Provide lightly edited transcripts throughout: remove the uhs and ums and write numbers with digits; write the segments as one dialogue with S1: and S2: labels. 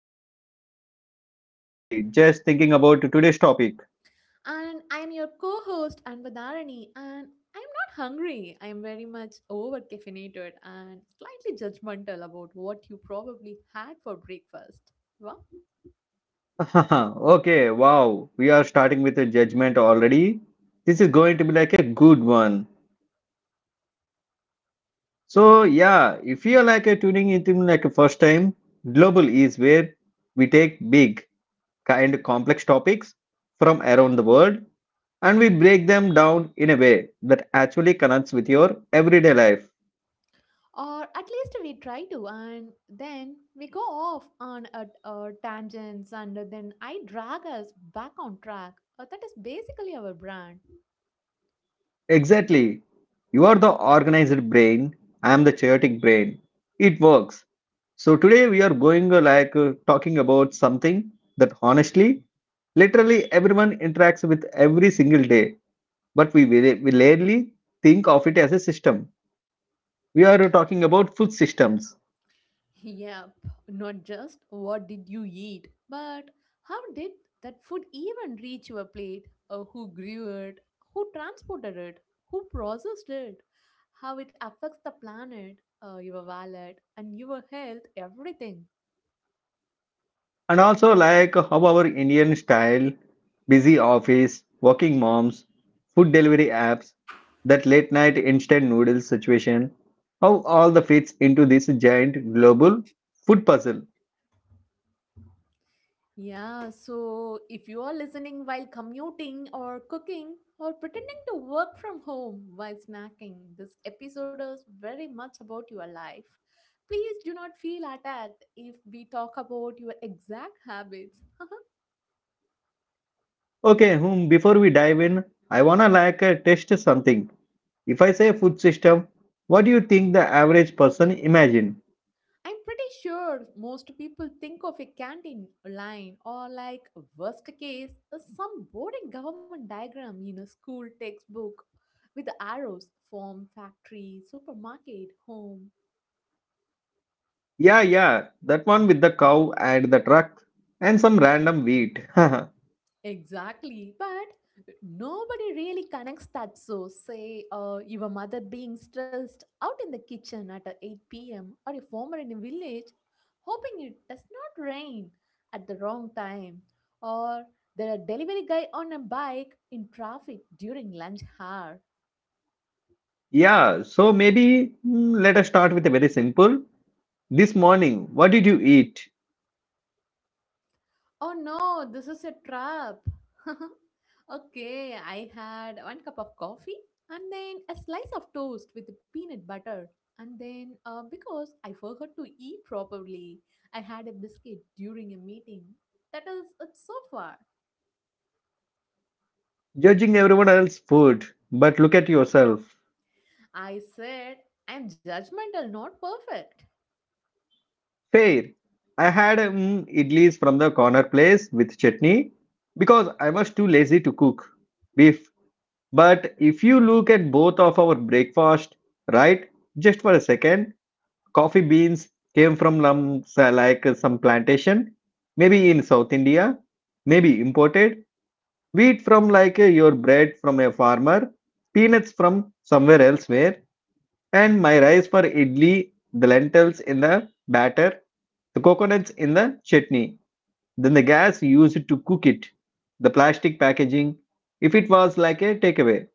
S1: and I'm already like hungry just thinking about today's topic.
S2: And I am your co host, Anvadarani, and I am not hungry. I am very much over caffeinated and slightly judgmental about what you probably had for breakfast. Wow.
S1: Okay, wow, we are starting with a judgment already. This is going to be like a good one. So yeah, if you're like a tuning into me like a first time, Global is where we take big, kind, complex topics from around the world and we break them down in a way that actually connects with your everyday life.
S2: Or at least we try to, and then we go off on a tangents, and then I drag us back on track. That is basically our brand.
S1: Exactly. You are the organized brain. I am the chaotic brain. It works. So today we are going talking about something that honestly, literally everyone interacts with every single day, but we rarely think of it as a system. We are talking about food systems.
S2: Yep, not just what did you eat, but how did that food even reach your plate? Who grew it, who transported it, who processed it, how it affects the planet, your wallet, and your health, everything.
S1: And also like how our Indian style, busy office, working moms, food delivery apps, that late night instant noodles situation, how all the fits into this giant global food puzzle.
S2: Yeah, so if you are listening while commuting or cooking or pretending to work from home while snacking, this episode is very much about your life. Please do not feel attacked if we talk about your exact habits.
S1: Okay, before we dive in, I wanna like test something. If I say food system, what do you think the average person imagine?
S2: I'm pretty sure most people think of a canteen line, or, like, worst case, some boring government diagram in a school textbook with the arrows: farm, factory, supermarket, home.
S1: Yeah, yeah, that one with the cow and the truck and some random wheat.
S2: Exactly, but nobody really connects that. So, say your mother being stressed out in the kitchen at 8 p.m., or a farmer in a village hoping it does not rain at the wrong time, or there a delivery guy on a bike in traffic during lunch hour.
S1: Yeah, so maybe let us start with a very simple. This morning, what did you eat?
S2: Oh no, this is a trap. Okay, I had one cup of coffee and then a slice of toast with peanut butter. And then, because I forgot to eat properly, I had a biscuit during a meeting. That is it so far.
S1: Judging everyone else's food, but look at yourself.
S2: I said, I'm judgmental, not perfect.
S1: Fair. I had idlis from the corner place with chutney because I was too lazy to cook beef. But if you look at both of our breakfast, right, just for a second, coffee beans came from like some plantation, maybe in South India, maybe imported. Wheat from like your bread from a farmer, peanuts from somewhere elsewhere, and my rice for idli, the lentils in the batter, the coconuts in the chutney, then the gas used to cook it, the plastic packaging, if it was like a takeaway.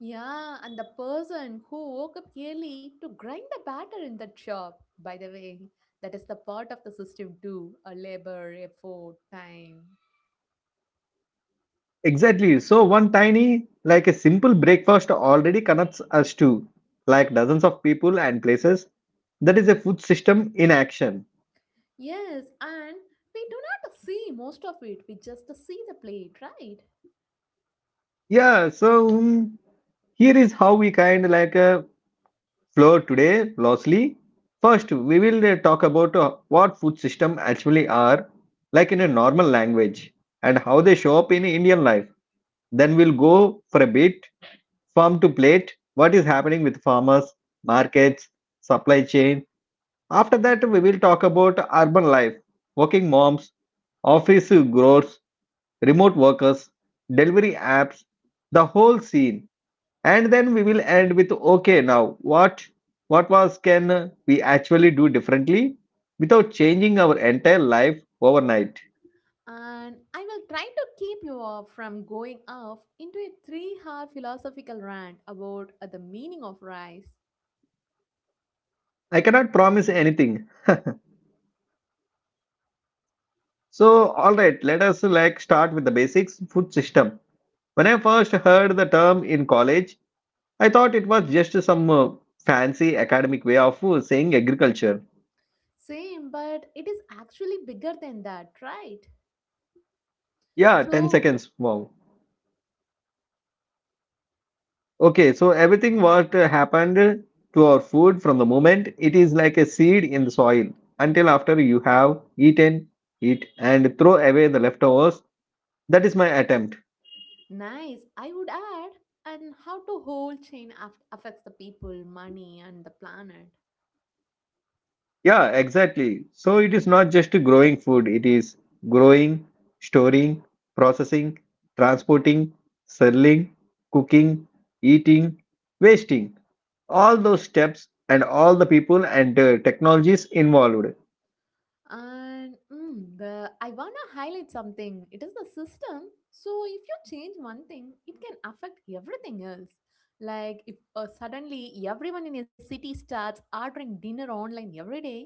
S2: Yeah, and the person who woke up early to grind the batter in that shop, by the way, that is the part of the system too, a labor, effort, time.
S1: Exactly. So one tiny, like a simple breakfast already connects us to like dozens of people and places. That is a food system in action.
S2: Yes, and we do not see most of it, we just see the plate, right?
S1: Yeah, so here is how we kind like floor today, Losley. First, we will talk about what food system actually are like in a normal language and how they show up in Indian life. Then we'll go for a bit farm to plate, what is happening with farmers, markets, supply chain. After that, we will talk about urban life, working moms, office growers, remote workers, delivery apps, the whole scene. And then we will end with okay, now what was can we actually do differently without changing our entire life overnight?
S2: And I will try to keep you off from going off into a 3 hour philosophical rant about the meaning of rice.
S1: I cannot promise anything. So all right, let us like start with the basics food system. When I first heard the term in college, I thought it was just some fancy academic way of saying agriculture.
S2: Same, but it is actually bigger than that, right?
S1: Yeah, 10
S2: So,
S1: seconds. Wow. Okay, so everything what happened to our food from the moment it is like a seed in the soil until after you have eaten it and throw away the leftovers. That is my attempt.
S2: nice. I would add, and how to whole chain affects the people, money, and the planet.
S1: Yeah, exactly. So it is not just growing food, it is growing, storing, processing, transporting, selling, cooking, eating, wasting. All those steps and all the people and technologies involved.
S2: And mm, the I wanna highlight something. It is the system. So if you change one thing, it can affect everything else. Like if suddenly everyone in a city starts ordering dinner online every day,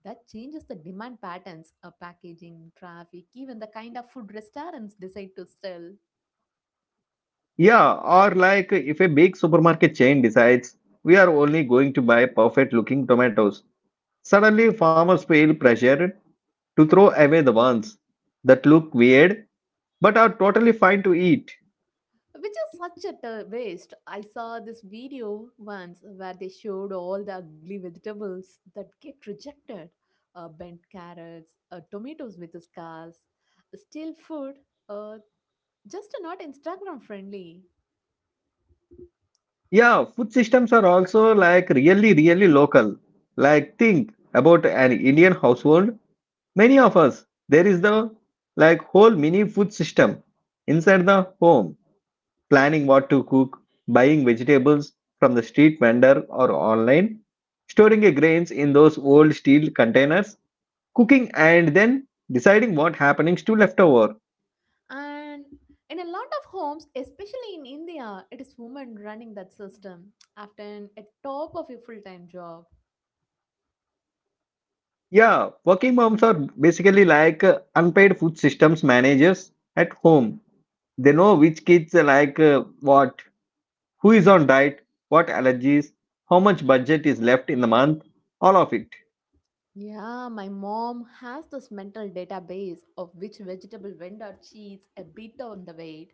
S2: that changes the demand patterns, packaging, traffic, even the kind of food restaurants decide to sell.
S1: Yeah, or like if a big supermarket chain decides we are only going to buy perfect looking tomatoes, suddenly farmers feel pressured to throw away the ones that look weird but are totally fine to eat.
S2: Which is such a waste. I saw this video once where they showed all the ugly vegetables that get rejected, bent carrots, tomatoes with scars, still food, uh, just not Instagram friendly.
S1: Yeah, food systems are also like really, really local. Like, think about an Indian household. Many of us, there is the like whole mini food system inside the home planning what to cook, buying vegetables from the street vendor or online, storing your grains in those old steel containers, cooking and then deciding what happenings to leftover.
S2: And in a lot of homes, especially in India, it is women running that system, often at top of a full time job.
S1: Yeah, working moms are basically like unpaid food systems managers at home. They know which kids what, who is on diet, what allergies, how much budget is left in the month, all of it.
S2: Yeah, my mom has this mental database of which vegetable vendor cheats a bit on the weight.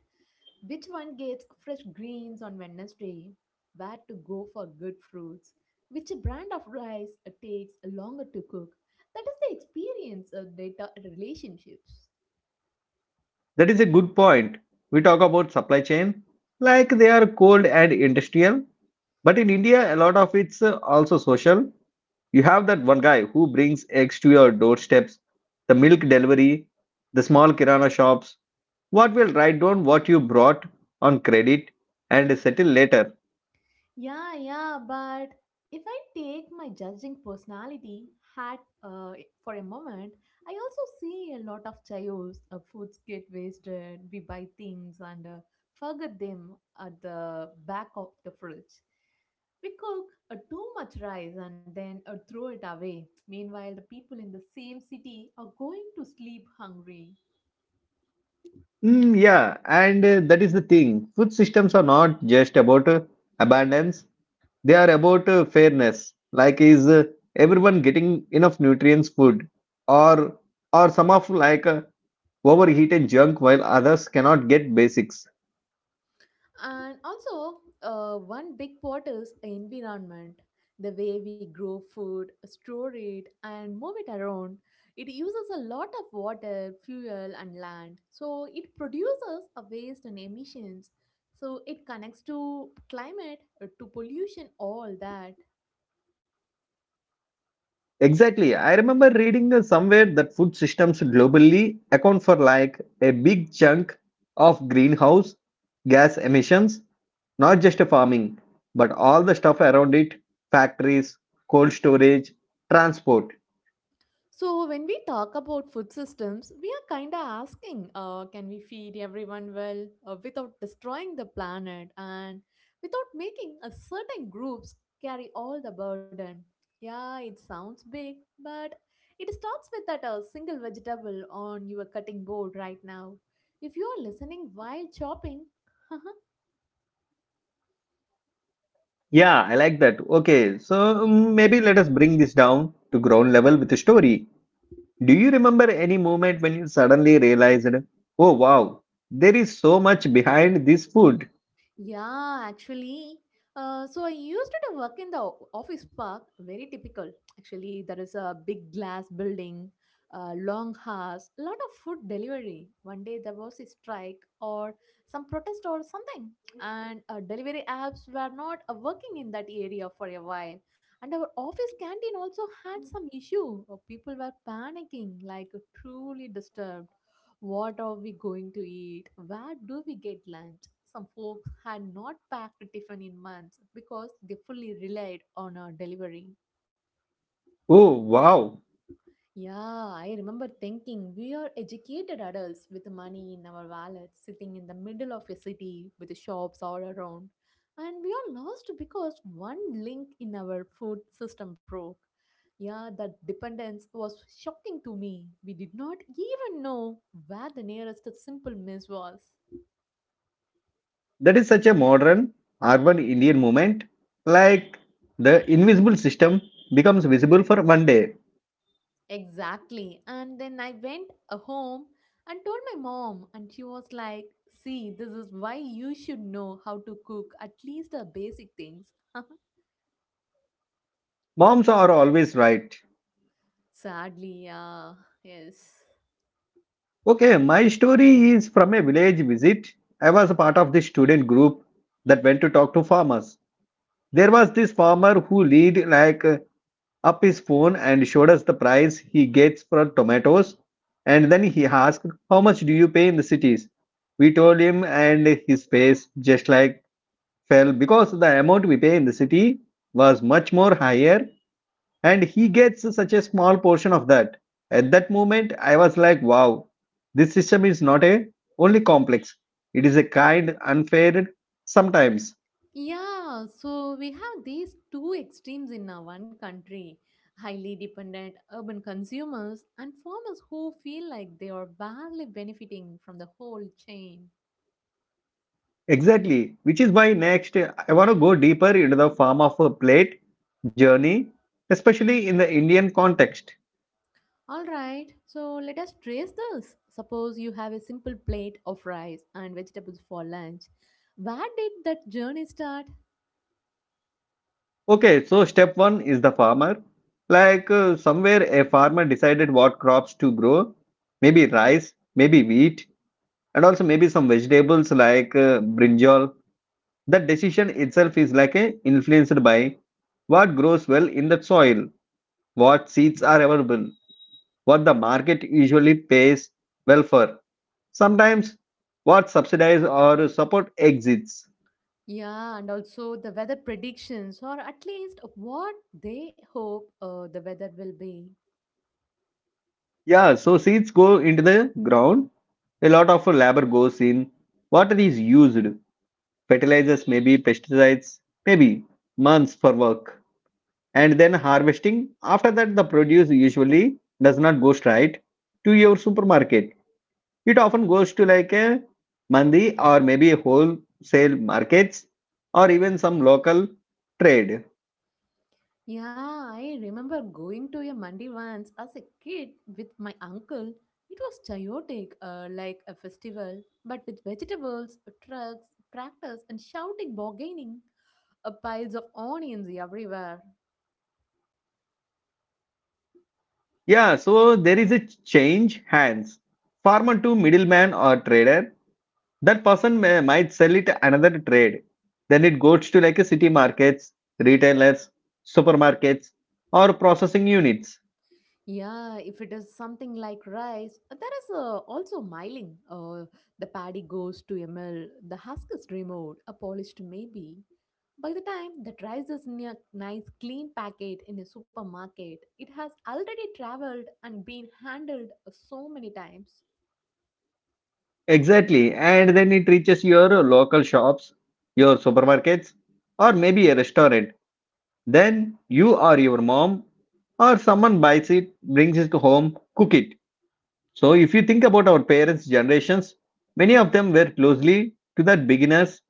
S2: Which one gets fresh greens on Wednesday? Where to go for good fruits? Which brand of rice takes longer to cook? That is the experience of data relationships.
S1: That is a good point. We talk about supply chain like they are cold and industrial, but in India, a lot of it's also social. You have that one guy who brings eggs to your doorsteps, the milk delivery, the small kirana shops. What will write down what you brought on credit and settle later.
S2: Yeah, but if I take my judging personality hat for a moment, I also see a lot of chaos. Foods get wasted, we buy things, and forget them at the back of the fridge. We cook too much rice and then throw it away. Meanwhile, the people in the same city are going to sleep hungry.
S1: Yeah, and that is the thing. Food systems are not just about abundance. They are about fairness, like is everyone getting enough nutrients, food, or some of like overheated junk while others cannot get basics.
S2: And also, one big part is environment. The way we grow food, store it, and move it around. It uses a lot of water, fuel, and land. So it produces a waste and emissions. So it connects to climate, to pollution, all that.
S1: Exactly. I remember reading somewhere that food systems globally account for like a big chunk of greenhouse gas emissions, not just farming, but all the stuff around it, factories, cold storage, transport.
S2: So, when we talk about food systems, we are kind of asking can we feed everyone well without destroying the planet and without making a certain groups carry all the burden? Yeah, it sounds big, but it starts with that single vegetable on your cutting board right now. If you are listening while chopping,
S1: Yeah, I like that. Okay, so maybe let us bring this down to ground level with a story. Do you remember any moment when you suddenly realized, oh wow, there is so much behind this food?
S2: yeah, actually. So I used to work in the office park, very typical. Actually, there is a big glass building, long hours, a lot of food delivery. One day there was a strike or some protest or something, and delivery apps were not working in that area for a while. And our office canteen also had some issue. People were panicking, like truly disturbed. What are we going to eat? Where do we get lunch? Some folks had not packed tiffin in months because they fully relied on our delivery.
S1: Oh wow,
S2: Yeah, I remember thinking we are educated adults with money in our wallets sitting in the middle of a city with shops all around. And we are lost because one link in our food system broke. Yeah, that dependence was shocking to me. We did not even know where the nearest simple meal was.
S1: that is such a modern urban Indian moment. Like the invisible system becomes visible for one day.
S2: Exactly. And then I went home and told my mom, and she was like, "See, this is why you should know how to cook at least the basic things."
S1: Moms are always right.
S2: Sadly, yeah, yes.
S1: Okay, my story is from a village visit. I was a part of this student group that went to talk to farmers. There was this farmer who lead like up his phone and showed us the price he gets for tomatoes and then he asked how much do you pay in the cities, we told him and his face just like fell because the amount we pay in the city was much more higher and he gets such a small portion of that. At that moment I was like wow, this system is not a only complex, it is a kind unfair sometimes.
S2: Yeah, so we have these two extremes in our one country: highly dependent urban consumers and farmers who feel like they are barely benefiting from the whole chain.
S1: Exactly, which is why next I want to go deeper into the form of a plate journey, especially in the Indian context.
S2: Alright, so let us trace this. Suppose you have a simple plate of rice and vegetables for lunch. Where did that journey start?
S1: Okay, so step one is the farmer. Like somewhere a farmer decided what crops to grow, maybe rice, maybe wheat, and also maybe some vegetables like brinjal. That decision itself is like a influenced by what grows well in the soil, what seeds are available, what the market usually pays well for. Sometimes what subsidize or support exits.
S2: Yeah, and also the weather predictions, or at least what they hope the weather will be.
S1: Yeah, so seeds go into the ground. A lot of labor goes in. Water is used. Fertilizers, maybe pesticides, maybe months for work. And then harvesting. After that, the produce usually does not go straight to your supermarket. It often goes to like a mandi or maybe wholesale markets or even some local trade.
S2: Yeah, I remember going to a mandi once as a kid with my uncle. It was chaotic, like a festival, but with vegetables, trucks, tractors, and shouting bargaining, piles of onions everywhere.
S1: Yeah, so there is a change hands. Farmer to middleman or trader. Might sell it another trade. Then it goes to like a city markets, retailers, supermarkets, or processing units.
S2: Yeah, if it is something like rice, there is also milling. The paddy goes to a mill, the husk is removed, a polished maybe. By the time that rice is in a nice clean packet in a supermarket, it has already traveled and been handled so many times.
S1: Exactly. And then it reaches your local shops, your supermarkets, or maybe a restaurant. Then you or your mom or someone buys it, brings it home, cook it. So, if you think about our parents' generations, many of them were closely to that beginners.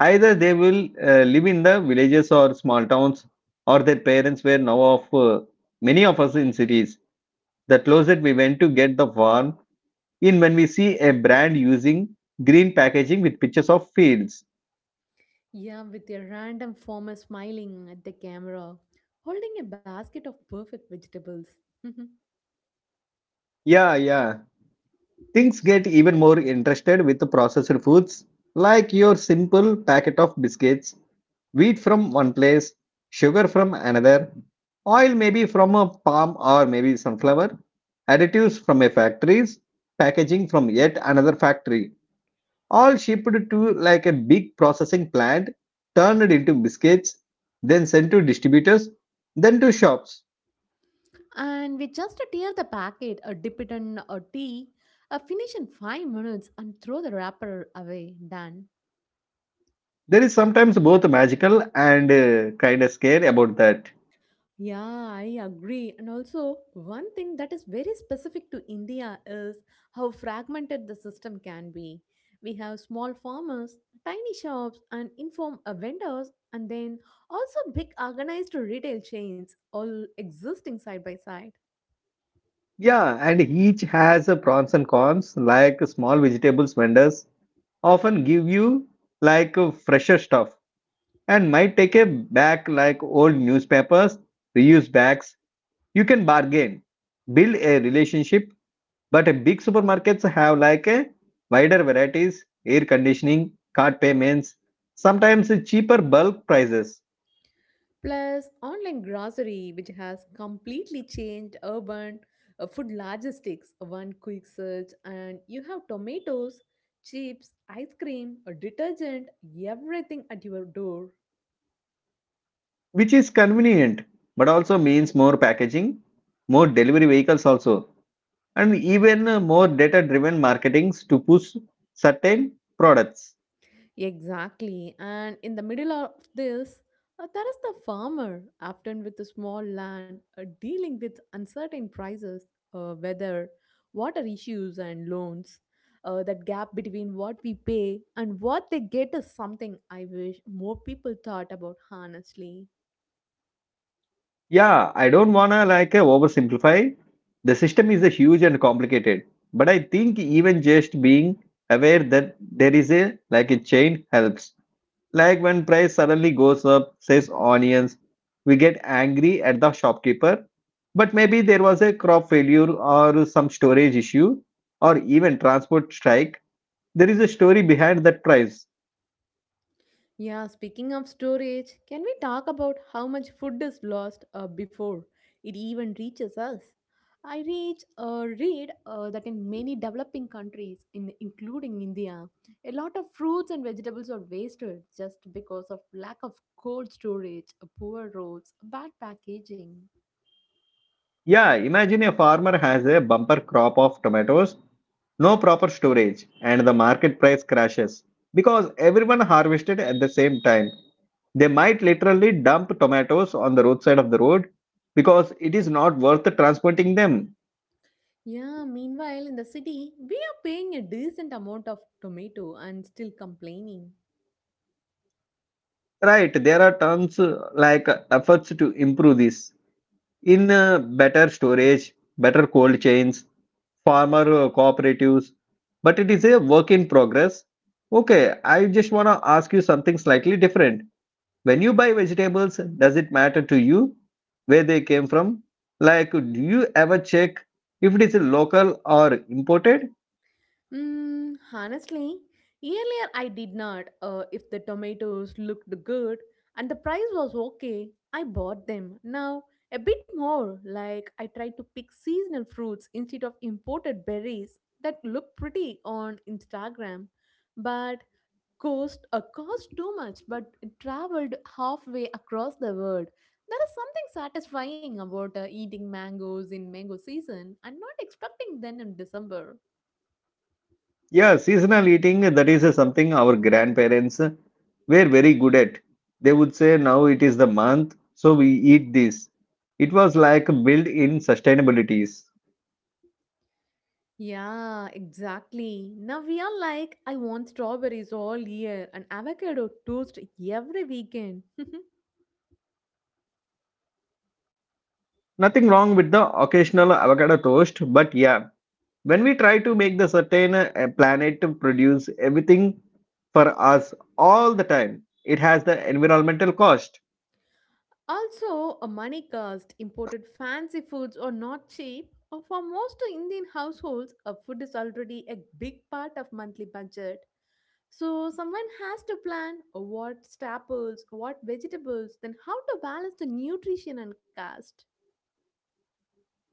S1: Either they will live in the villages or small towns, or their parents were now of many of us in cities. The closet we went to get the farm in when we see a brand using green packaging with pictures of fields.
S2: Yeah, with a random farmer smiling at the camera, holding a basket of perfect vegetables.
S1: Yeah, yeah. Things get even more interested with the processed foods, like your simple packet of biscuits wheat from one place, sugar from another, oil maybe from a palm or maybe sunflower, additives from a factories, packaging from yet another factory, all shipped to like a big processing plant, turned into biscuits, then sent to distributors, then to shops.
S2: And we just tear the packet, dip it in a tea, finish in 5 minutes, and throw the wrapper away. Done.
S1: There is sometimes both magical and kind of scare about that.
S2: Yeah, I agree. And also, one thing that is very specific to India is how fragmented the system can be. We have small farmers, tiny shops, and inform vendors, and then also big organized retail chains all existing side by side.
S1: Yeah, and each has a pros and cons, like small vegetables vendors often give you like fresher stuff and might take a back like old newspapers, reuse bags. You can bargain, build a relationship, but a big supermarkets have like a wider varieties, air conditioning, card payments, sometimes cheaper bulk prices,
S2: Plus, online grocery, which has completely changed urban food logistics. One quick search, and you have tomatoes, chips, ice cream, a detergent, everything at your door.
S1: which is convenient, but also means more packaging, more delivery vehicles also, and even more data-driven marketings to push certain products.
S2: Exactly. And in the middle of this, there is the farmer, often with a small land, dealing with uncertain prices, weather, water issues, and loans. That gap between what we pay and what they get is something I wish more people thought about, honestly.
S1: Yeah, I don't wanna like oversimplify. The system is a huge and complicated, but I think even just being aware that there is a like a chain helps. Like when price suddenly goes up, says onions, we get angry at the shopkeeper, but maybe there was a crop failure or some storage issue or even transport strike. There is a story behind that price.
S2: Yeah, speaking of storage, can we talk about how much food is lost before it even reaches us? I reach read that in many developing countries, in including India, a lot of fruits and vegetables are wasted just because of lack of cold storage, poor roads, bad packaging.
S1: Yeah, imagine a farmer has a bumper crop of tomatoes no proper storage, and the market price crashes. Because everyone harvested at the same time, they might literally dump tomatoes on the roadside of the road because it is not worth transporting them.
S2: Yeah, meanwhile in the city, we are paying a decent amount of tomato and still complaining.
S1: Right, there are tons efforts to improve this in better storage, better cold chains, farmer cooperatives, but it is a work in progress. Okay, I just want to ask you something slightly different when you buy vegetables, does it matter to you where they came from, like do you ever check if it is local or imported?
S2: Honestly, earlier I did not. If the tomatoes looked good and the price was okay, I bought them. Now, a bit more, like I try to pick seasonal fruits instead of imported berries that look pretty on Instagram, but cost too much. But it traveled halfway across the world. There is something satisfying about eating mangoes in mango season and not expecting them in December.
S1: Yeah, seasonal eating, that is something our grandparents were very good at. They would say now it is the month so we eat this. It was like built in sustainabilities.
S2: Yeah, exactly. Now we are like, I want strawberries all year and avocado toast every weekend.
S1: Nothing wrong with the occasional avocado toast, but yeah, when we try to make the certain planet to produce everything for us all the time, it has the environmental cost.
S2: Also, a money cost. Imported fancy foods are not cheap. For most Indian households, a food is already a big part of monthly budget. So someone has to plan what staples, what vegetables, then how to balance the nutrition and cost.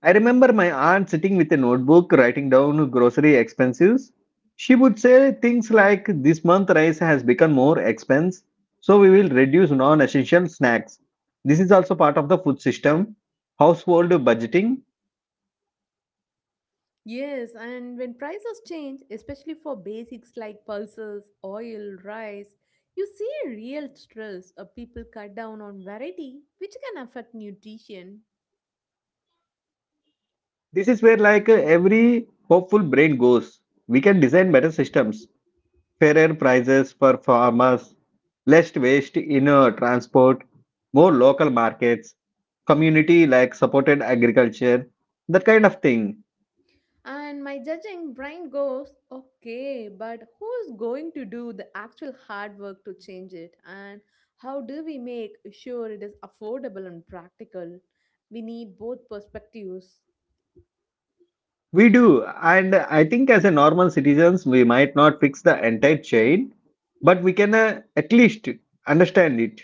S1: I remember my aunt sitting with a notebook writing down grocery expenses. She would say things like this month rice has become more expense, so we will reduce non-essential snacks. This is also part of the food system, household budgeting.
S2: Yes, and when prices change, especially for basics like pulses, oil, rice, you see a real stress. People cut down on variety, which can affect nutrition.
S1: This is where like every hopeful brain goes, we can design better systems. Fairer prices for farmers, less waste in transport, more local markets, community like supported agriculture, that kind of thing.
S2: And my judging brain goes, okay, but who's going to do the actual hard work to change it? And how do we make sure it is affordable and practical? We need both perspectives.
S1: We do, and I think as a normal citizens, we might not fix the entire chain, but we can at least understand it,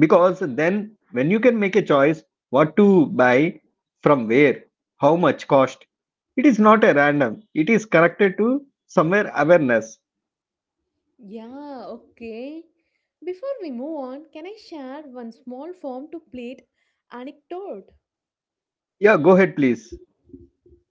S1: because then when you can make a choice what to buy, from where, how much cost, it is not a random, it is connected to somewhere awareness.
S2: Yeah, okay. Before we move on, can I share one small form to plate anecdote?
S1: Yeah, go ahead, please.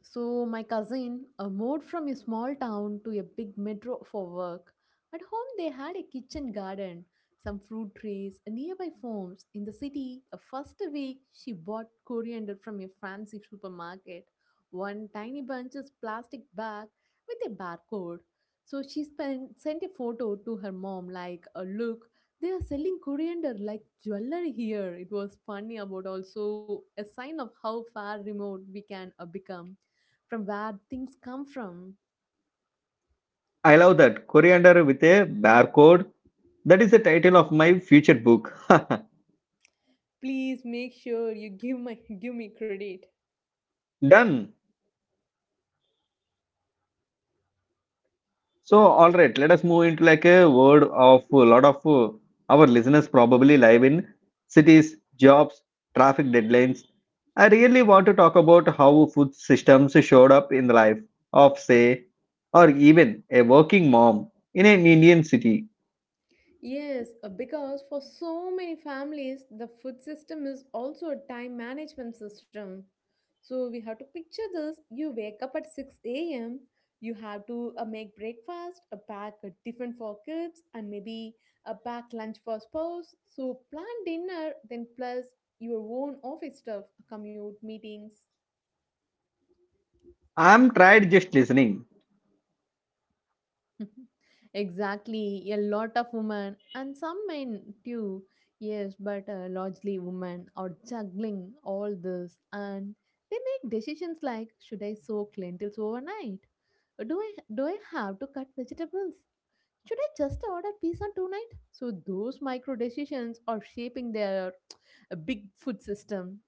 S2: So, my cousin moved from a small town to a big metro for work. At home, they had a kitchen garden, some fruit trees, and nearby farms. In the city, the first week, she bought coriander from a fancy supermarket. One tiny bunch plastic bag with a barcode. So sent a photo to her mom, like, look, they are selling coriander like jewelry here. It was funny about also a sign of how far remote we can become from where things come from.
S1: I love that. Coriander with a barcode. That is the title of my future book.
S2: Please make sure you give my give me credit.
S1: Done. So, all right, let us move into like a word of a lot of our listeners probably live in cities, jobs, traffic deadlines. I really want to talk about how food systems showed up in the life of, say, or even a working mom in an Indian city.
S2: Yes, because for so many families, the food system is also a time management system. So we have to picture this: you wake up at 6 a.m., you have to make breakfast, a pack a tiffin for kids, and maybe a pack lunch for spouse. So plan dinner, then plus your own office stuff, commute, meetings.
S1: I'm tired just listening.
S2: Exactly, a lot of women and some men too. Yes, but largely women are juggling all this, and they make decisions like, should I soak lentils overnight? Do I have to cut vegetables? Should I just order pizza tonight? So those micro decisions are shaping their big food system.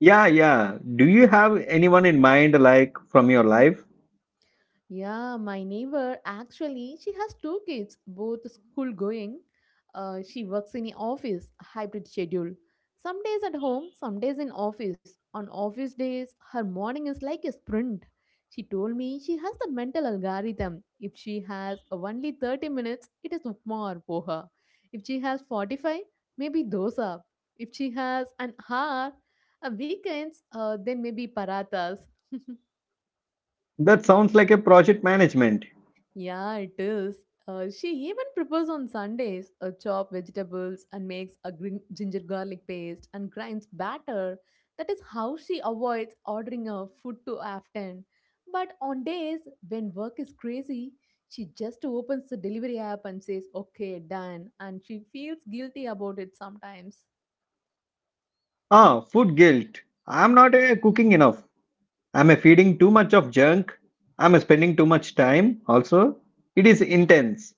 S1: Yeah, yeah. Do you have anyone in mind, like from your life?
S2: Yeah, my neighbor actually, she has two kids, both school going. She works in a office, a hybrid schedule. Some days at home, some days in office. On office days, her morning is like a sprint. She told me she has the mental algorithm. If she has only 30 minutes, it is upma or poha. If she has 45, maybe dosa. If she has an hour, a weekends, then maybe parathas.
S1: That sounds like a project management.
S2: Yeah, it is. She even prepares on Sundays, chop vegetables and makes a green ginger garlic paste and grinds batter. That is how she avoids ordering her food too often. But on days when work is crazy, she just opens the delivery app and says, "Okay, done," and she feels guilty about it sometimes.
S1: Ah, food guilt. I'm not cooking enough. I'm feeding too much of junk. I'm spending too much time also. It is intense.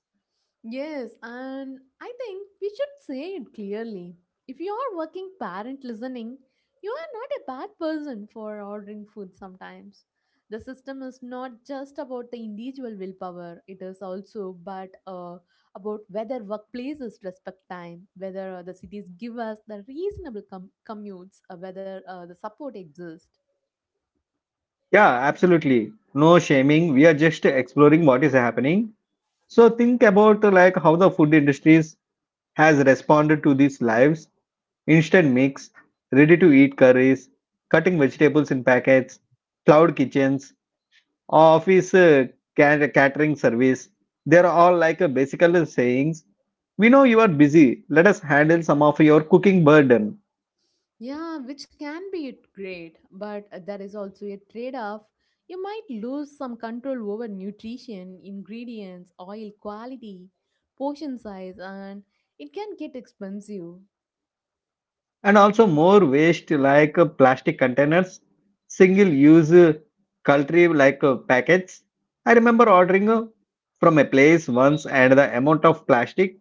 S2: Yes, and I think we should say it clearly. If you are working parent listening, you are not a bad person for ordering food sometimes. The system is not just about the individual willpower, it is also but about whether workplaces respect time, whether the cities give us the reasonable commutes, whether the support exists.
S1: Yeah, absolutely. No shaming. We are just exploring what is happening. So think about like how the food industries has responded to these lives. Instant mix, ready to eat curries, cutting vegetables in packets, cloud kitchens, office catering service. They're all like a basically sayings. We know you are busy. Let us handle some of your cooking burden.
S2: Yeah, which can be great, but there is also a trade off. You might lose some control over nutrition, ingredients, oil quality, portion size, and it can get expensive.
S1: And also more waste like plastic containers, single use cutlery like packets. I remember ordering from a place once, and the amount of plastic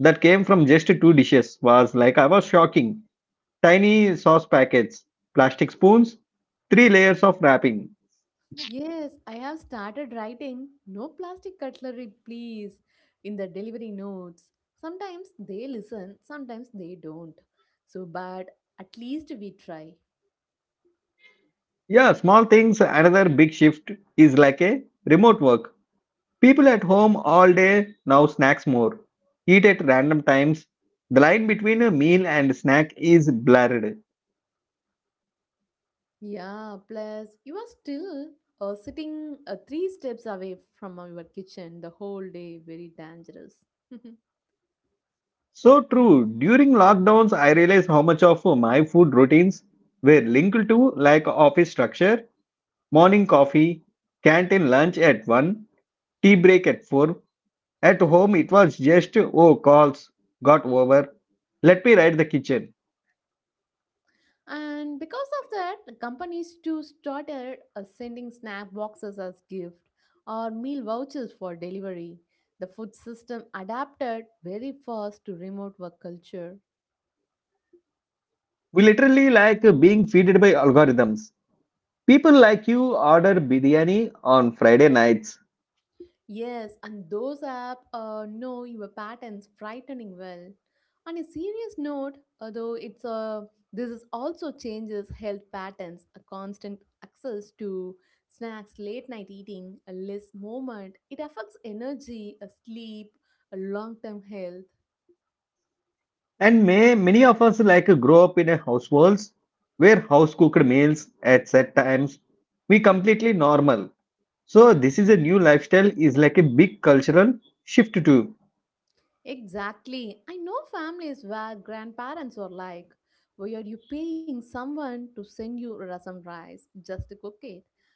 S1: that came from just two dishes was like I was shocking. Tiny sauce packets, plastic spoons, three layers of wrapping.
S2: Yes, I have started writing no plastic cutlery, please, in the delivery notes. Sometimes they listen, sometimes they don't. So, but at least we try.
S1: Yeah, small things. Another big shift is like a remote work. People at home all day now snacks more, eat at random times. The line between a meal and snack is blurred.
S2: Yeah, plus you are still sitting three steps away from your kitchen the whole day, very dangerous.
S1: So true. During lockdowns, I realized how much of my food routines were linked to like office structure, morning coffee, canteen lunch at 1, tea break at 4. At home, it was just, oh, calls got over. Let me write the kitchen.
S2: And because of that, companies too started sending snack boxes as gift or meal vouchers for delivery. The food system adapted very fast to remote work culture.
S1: We literally like being feeded by algorithms. People like you order biryani on Friday nights,
S2: Yes, and those app know your patterns frightening well. On a serious note, although it's this is also changes health patterns. A constant access to snacks, late night eating, a less movement, it affects energy, a sleep, a long term health.
S1: and may many of us like grow up in a households where house cooked meals at set times we completely normal. So this is a new lifestyle is like a big cultural shift too.
S2: Exactly. I know families where grandparents are like, "Why are you paying someone to send you rasam rice just to cook it."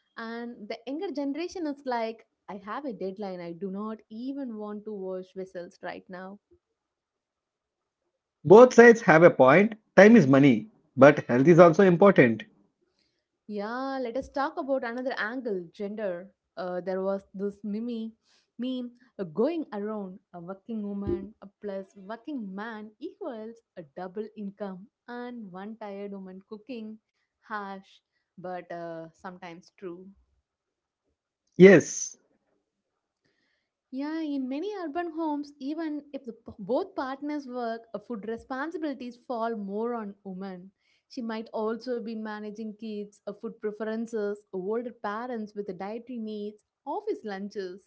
S2: And the younger generation is like, I have a deadline. I do not even want to wash vessels right now.
S1: Both sides have a point. Time is money, but health is also important.
S2: Yeah, let us talk about another angle gender. There was this Mimi meme going around, a working woman plus working man equals a double income, and one tired woman cooking, harsh but sometimes true.
S1: Yes.
S2: Yeah, in many urban homes, even if the, both partners work, food responsibilities fall more on women. She might also be managing kids, food preferences, older parents with dietary needs, office lunches.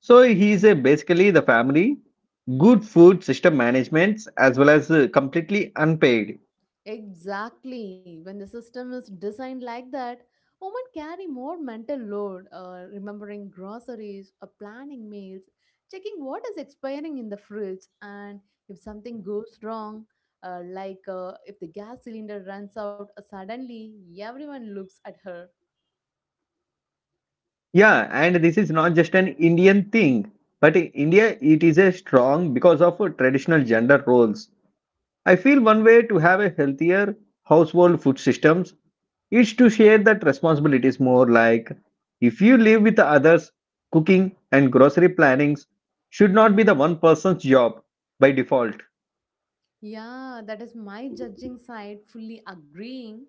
S1: So he is a basically the family, good food system management as well as completely unpaid.
S2: Exactly. When the system is designed like that, women carry more mental load, remembering groceries, planning meals, checking what is expiring in the fridge, and if something goes wrong, like if the gas cylinder runs out suddenly, everyone looks at her.
S1: Yeah, and this is not just an Indian thing, but in India it is a strong because of traditional gender roles. I feel one way to have a healthier household food systems is to share that responsibilities more, like if you live with others, cooking and grocery plannings should not be the one person's job by default.
S2: Yeah, that is my judging side fully agreeing.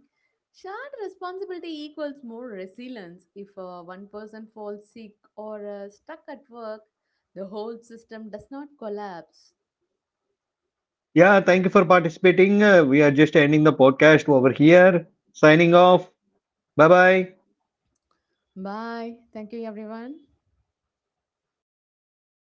S2: Shared responsibility equals more resilience. If one person falls sick or stuck at work, the whole system does not collapse.
S1: Yeah, thank you for participating. We are just ending the podcast over here. Signing off. Bye bye.
S2: Bye. Thank you, everyone.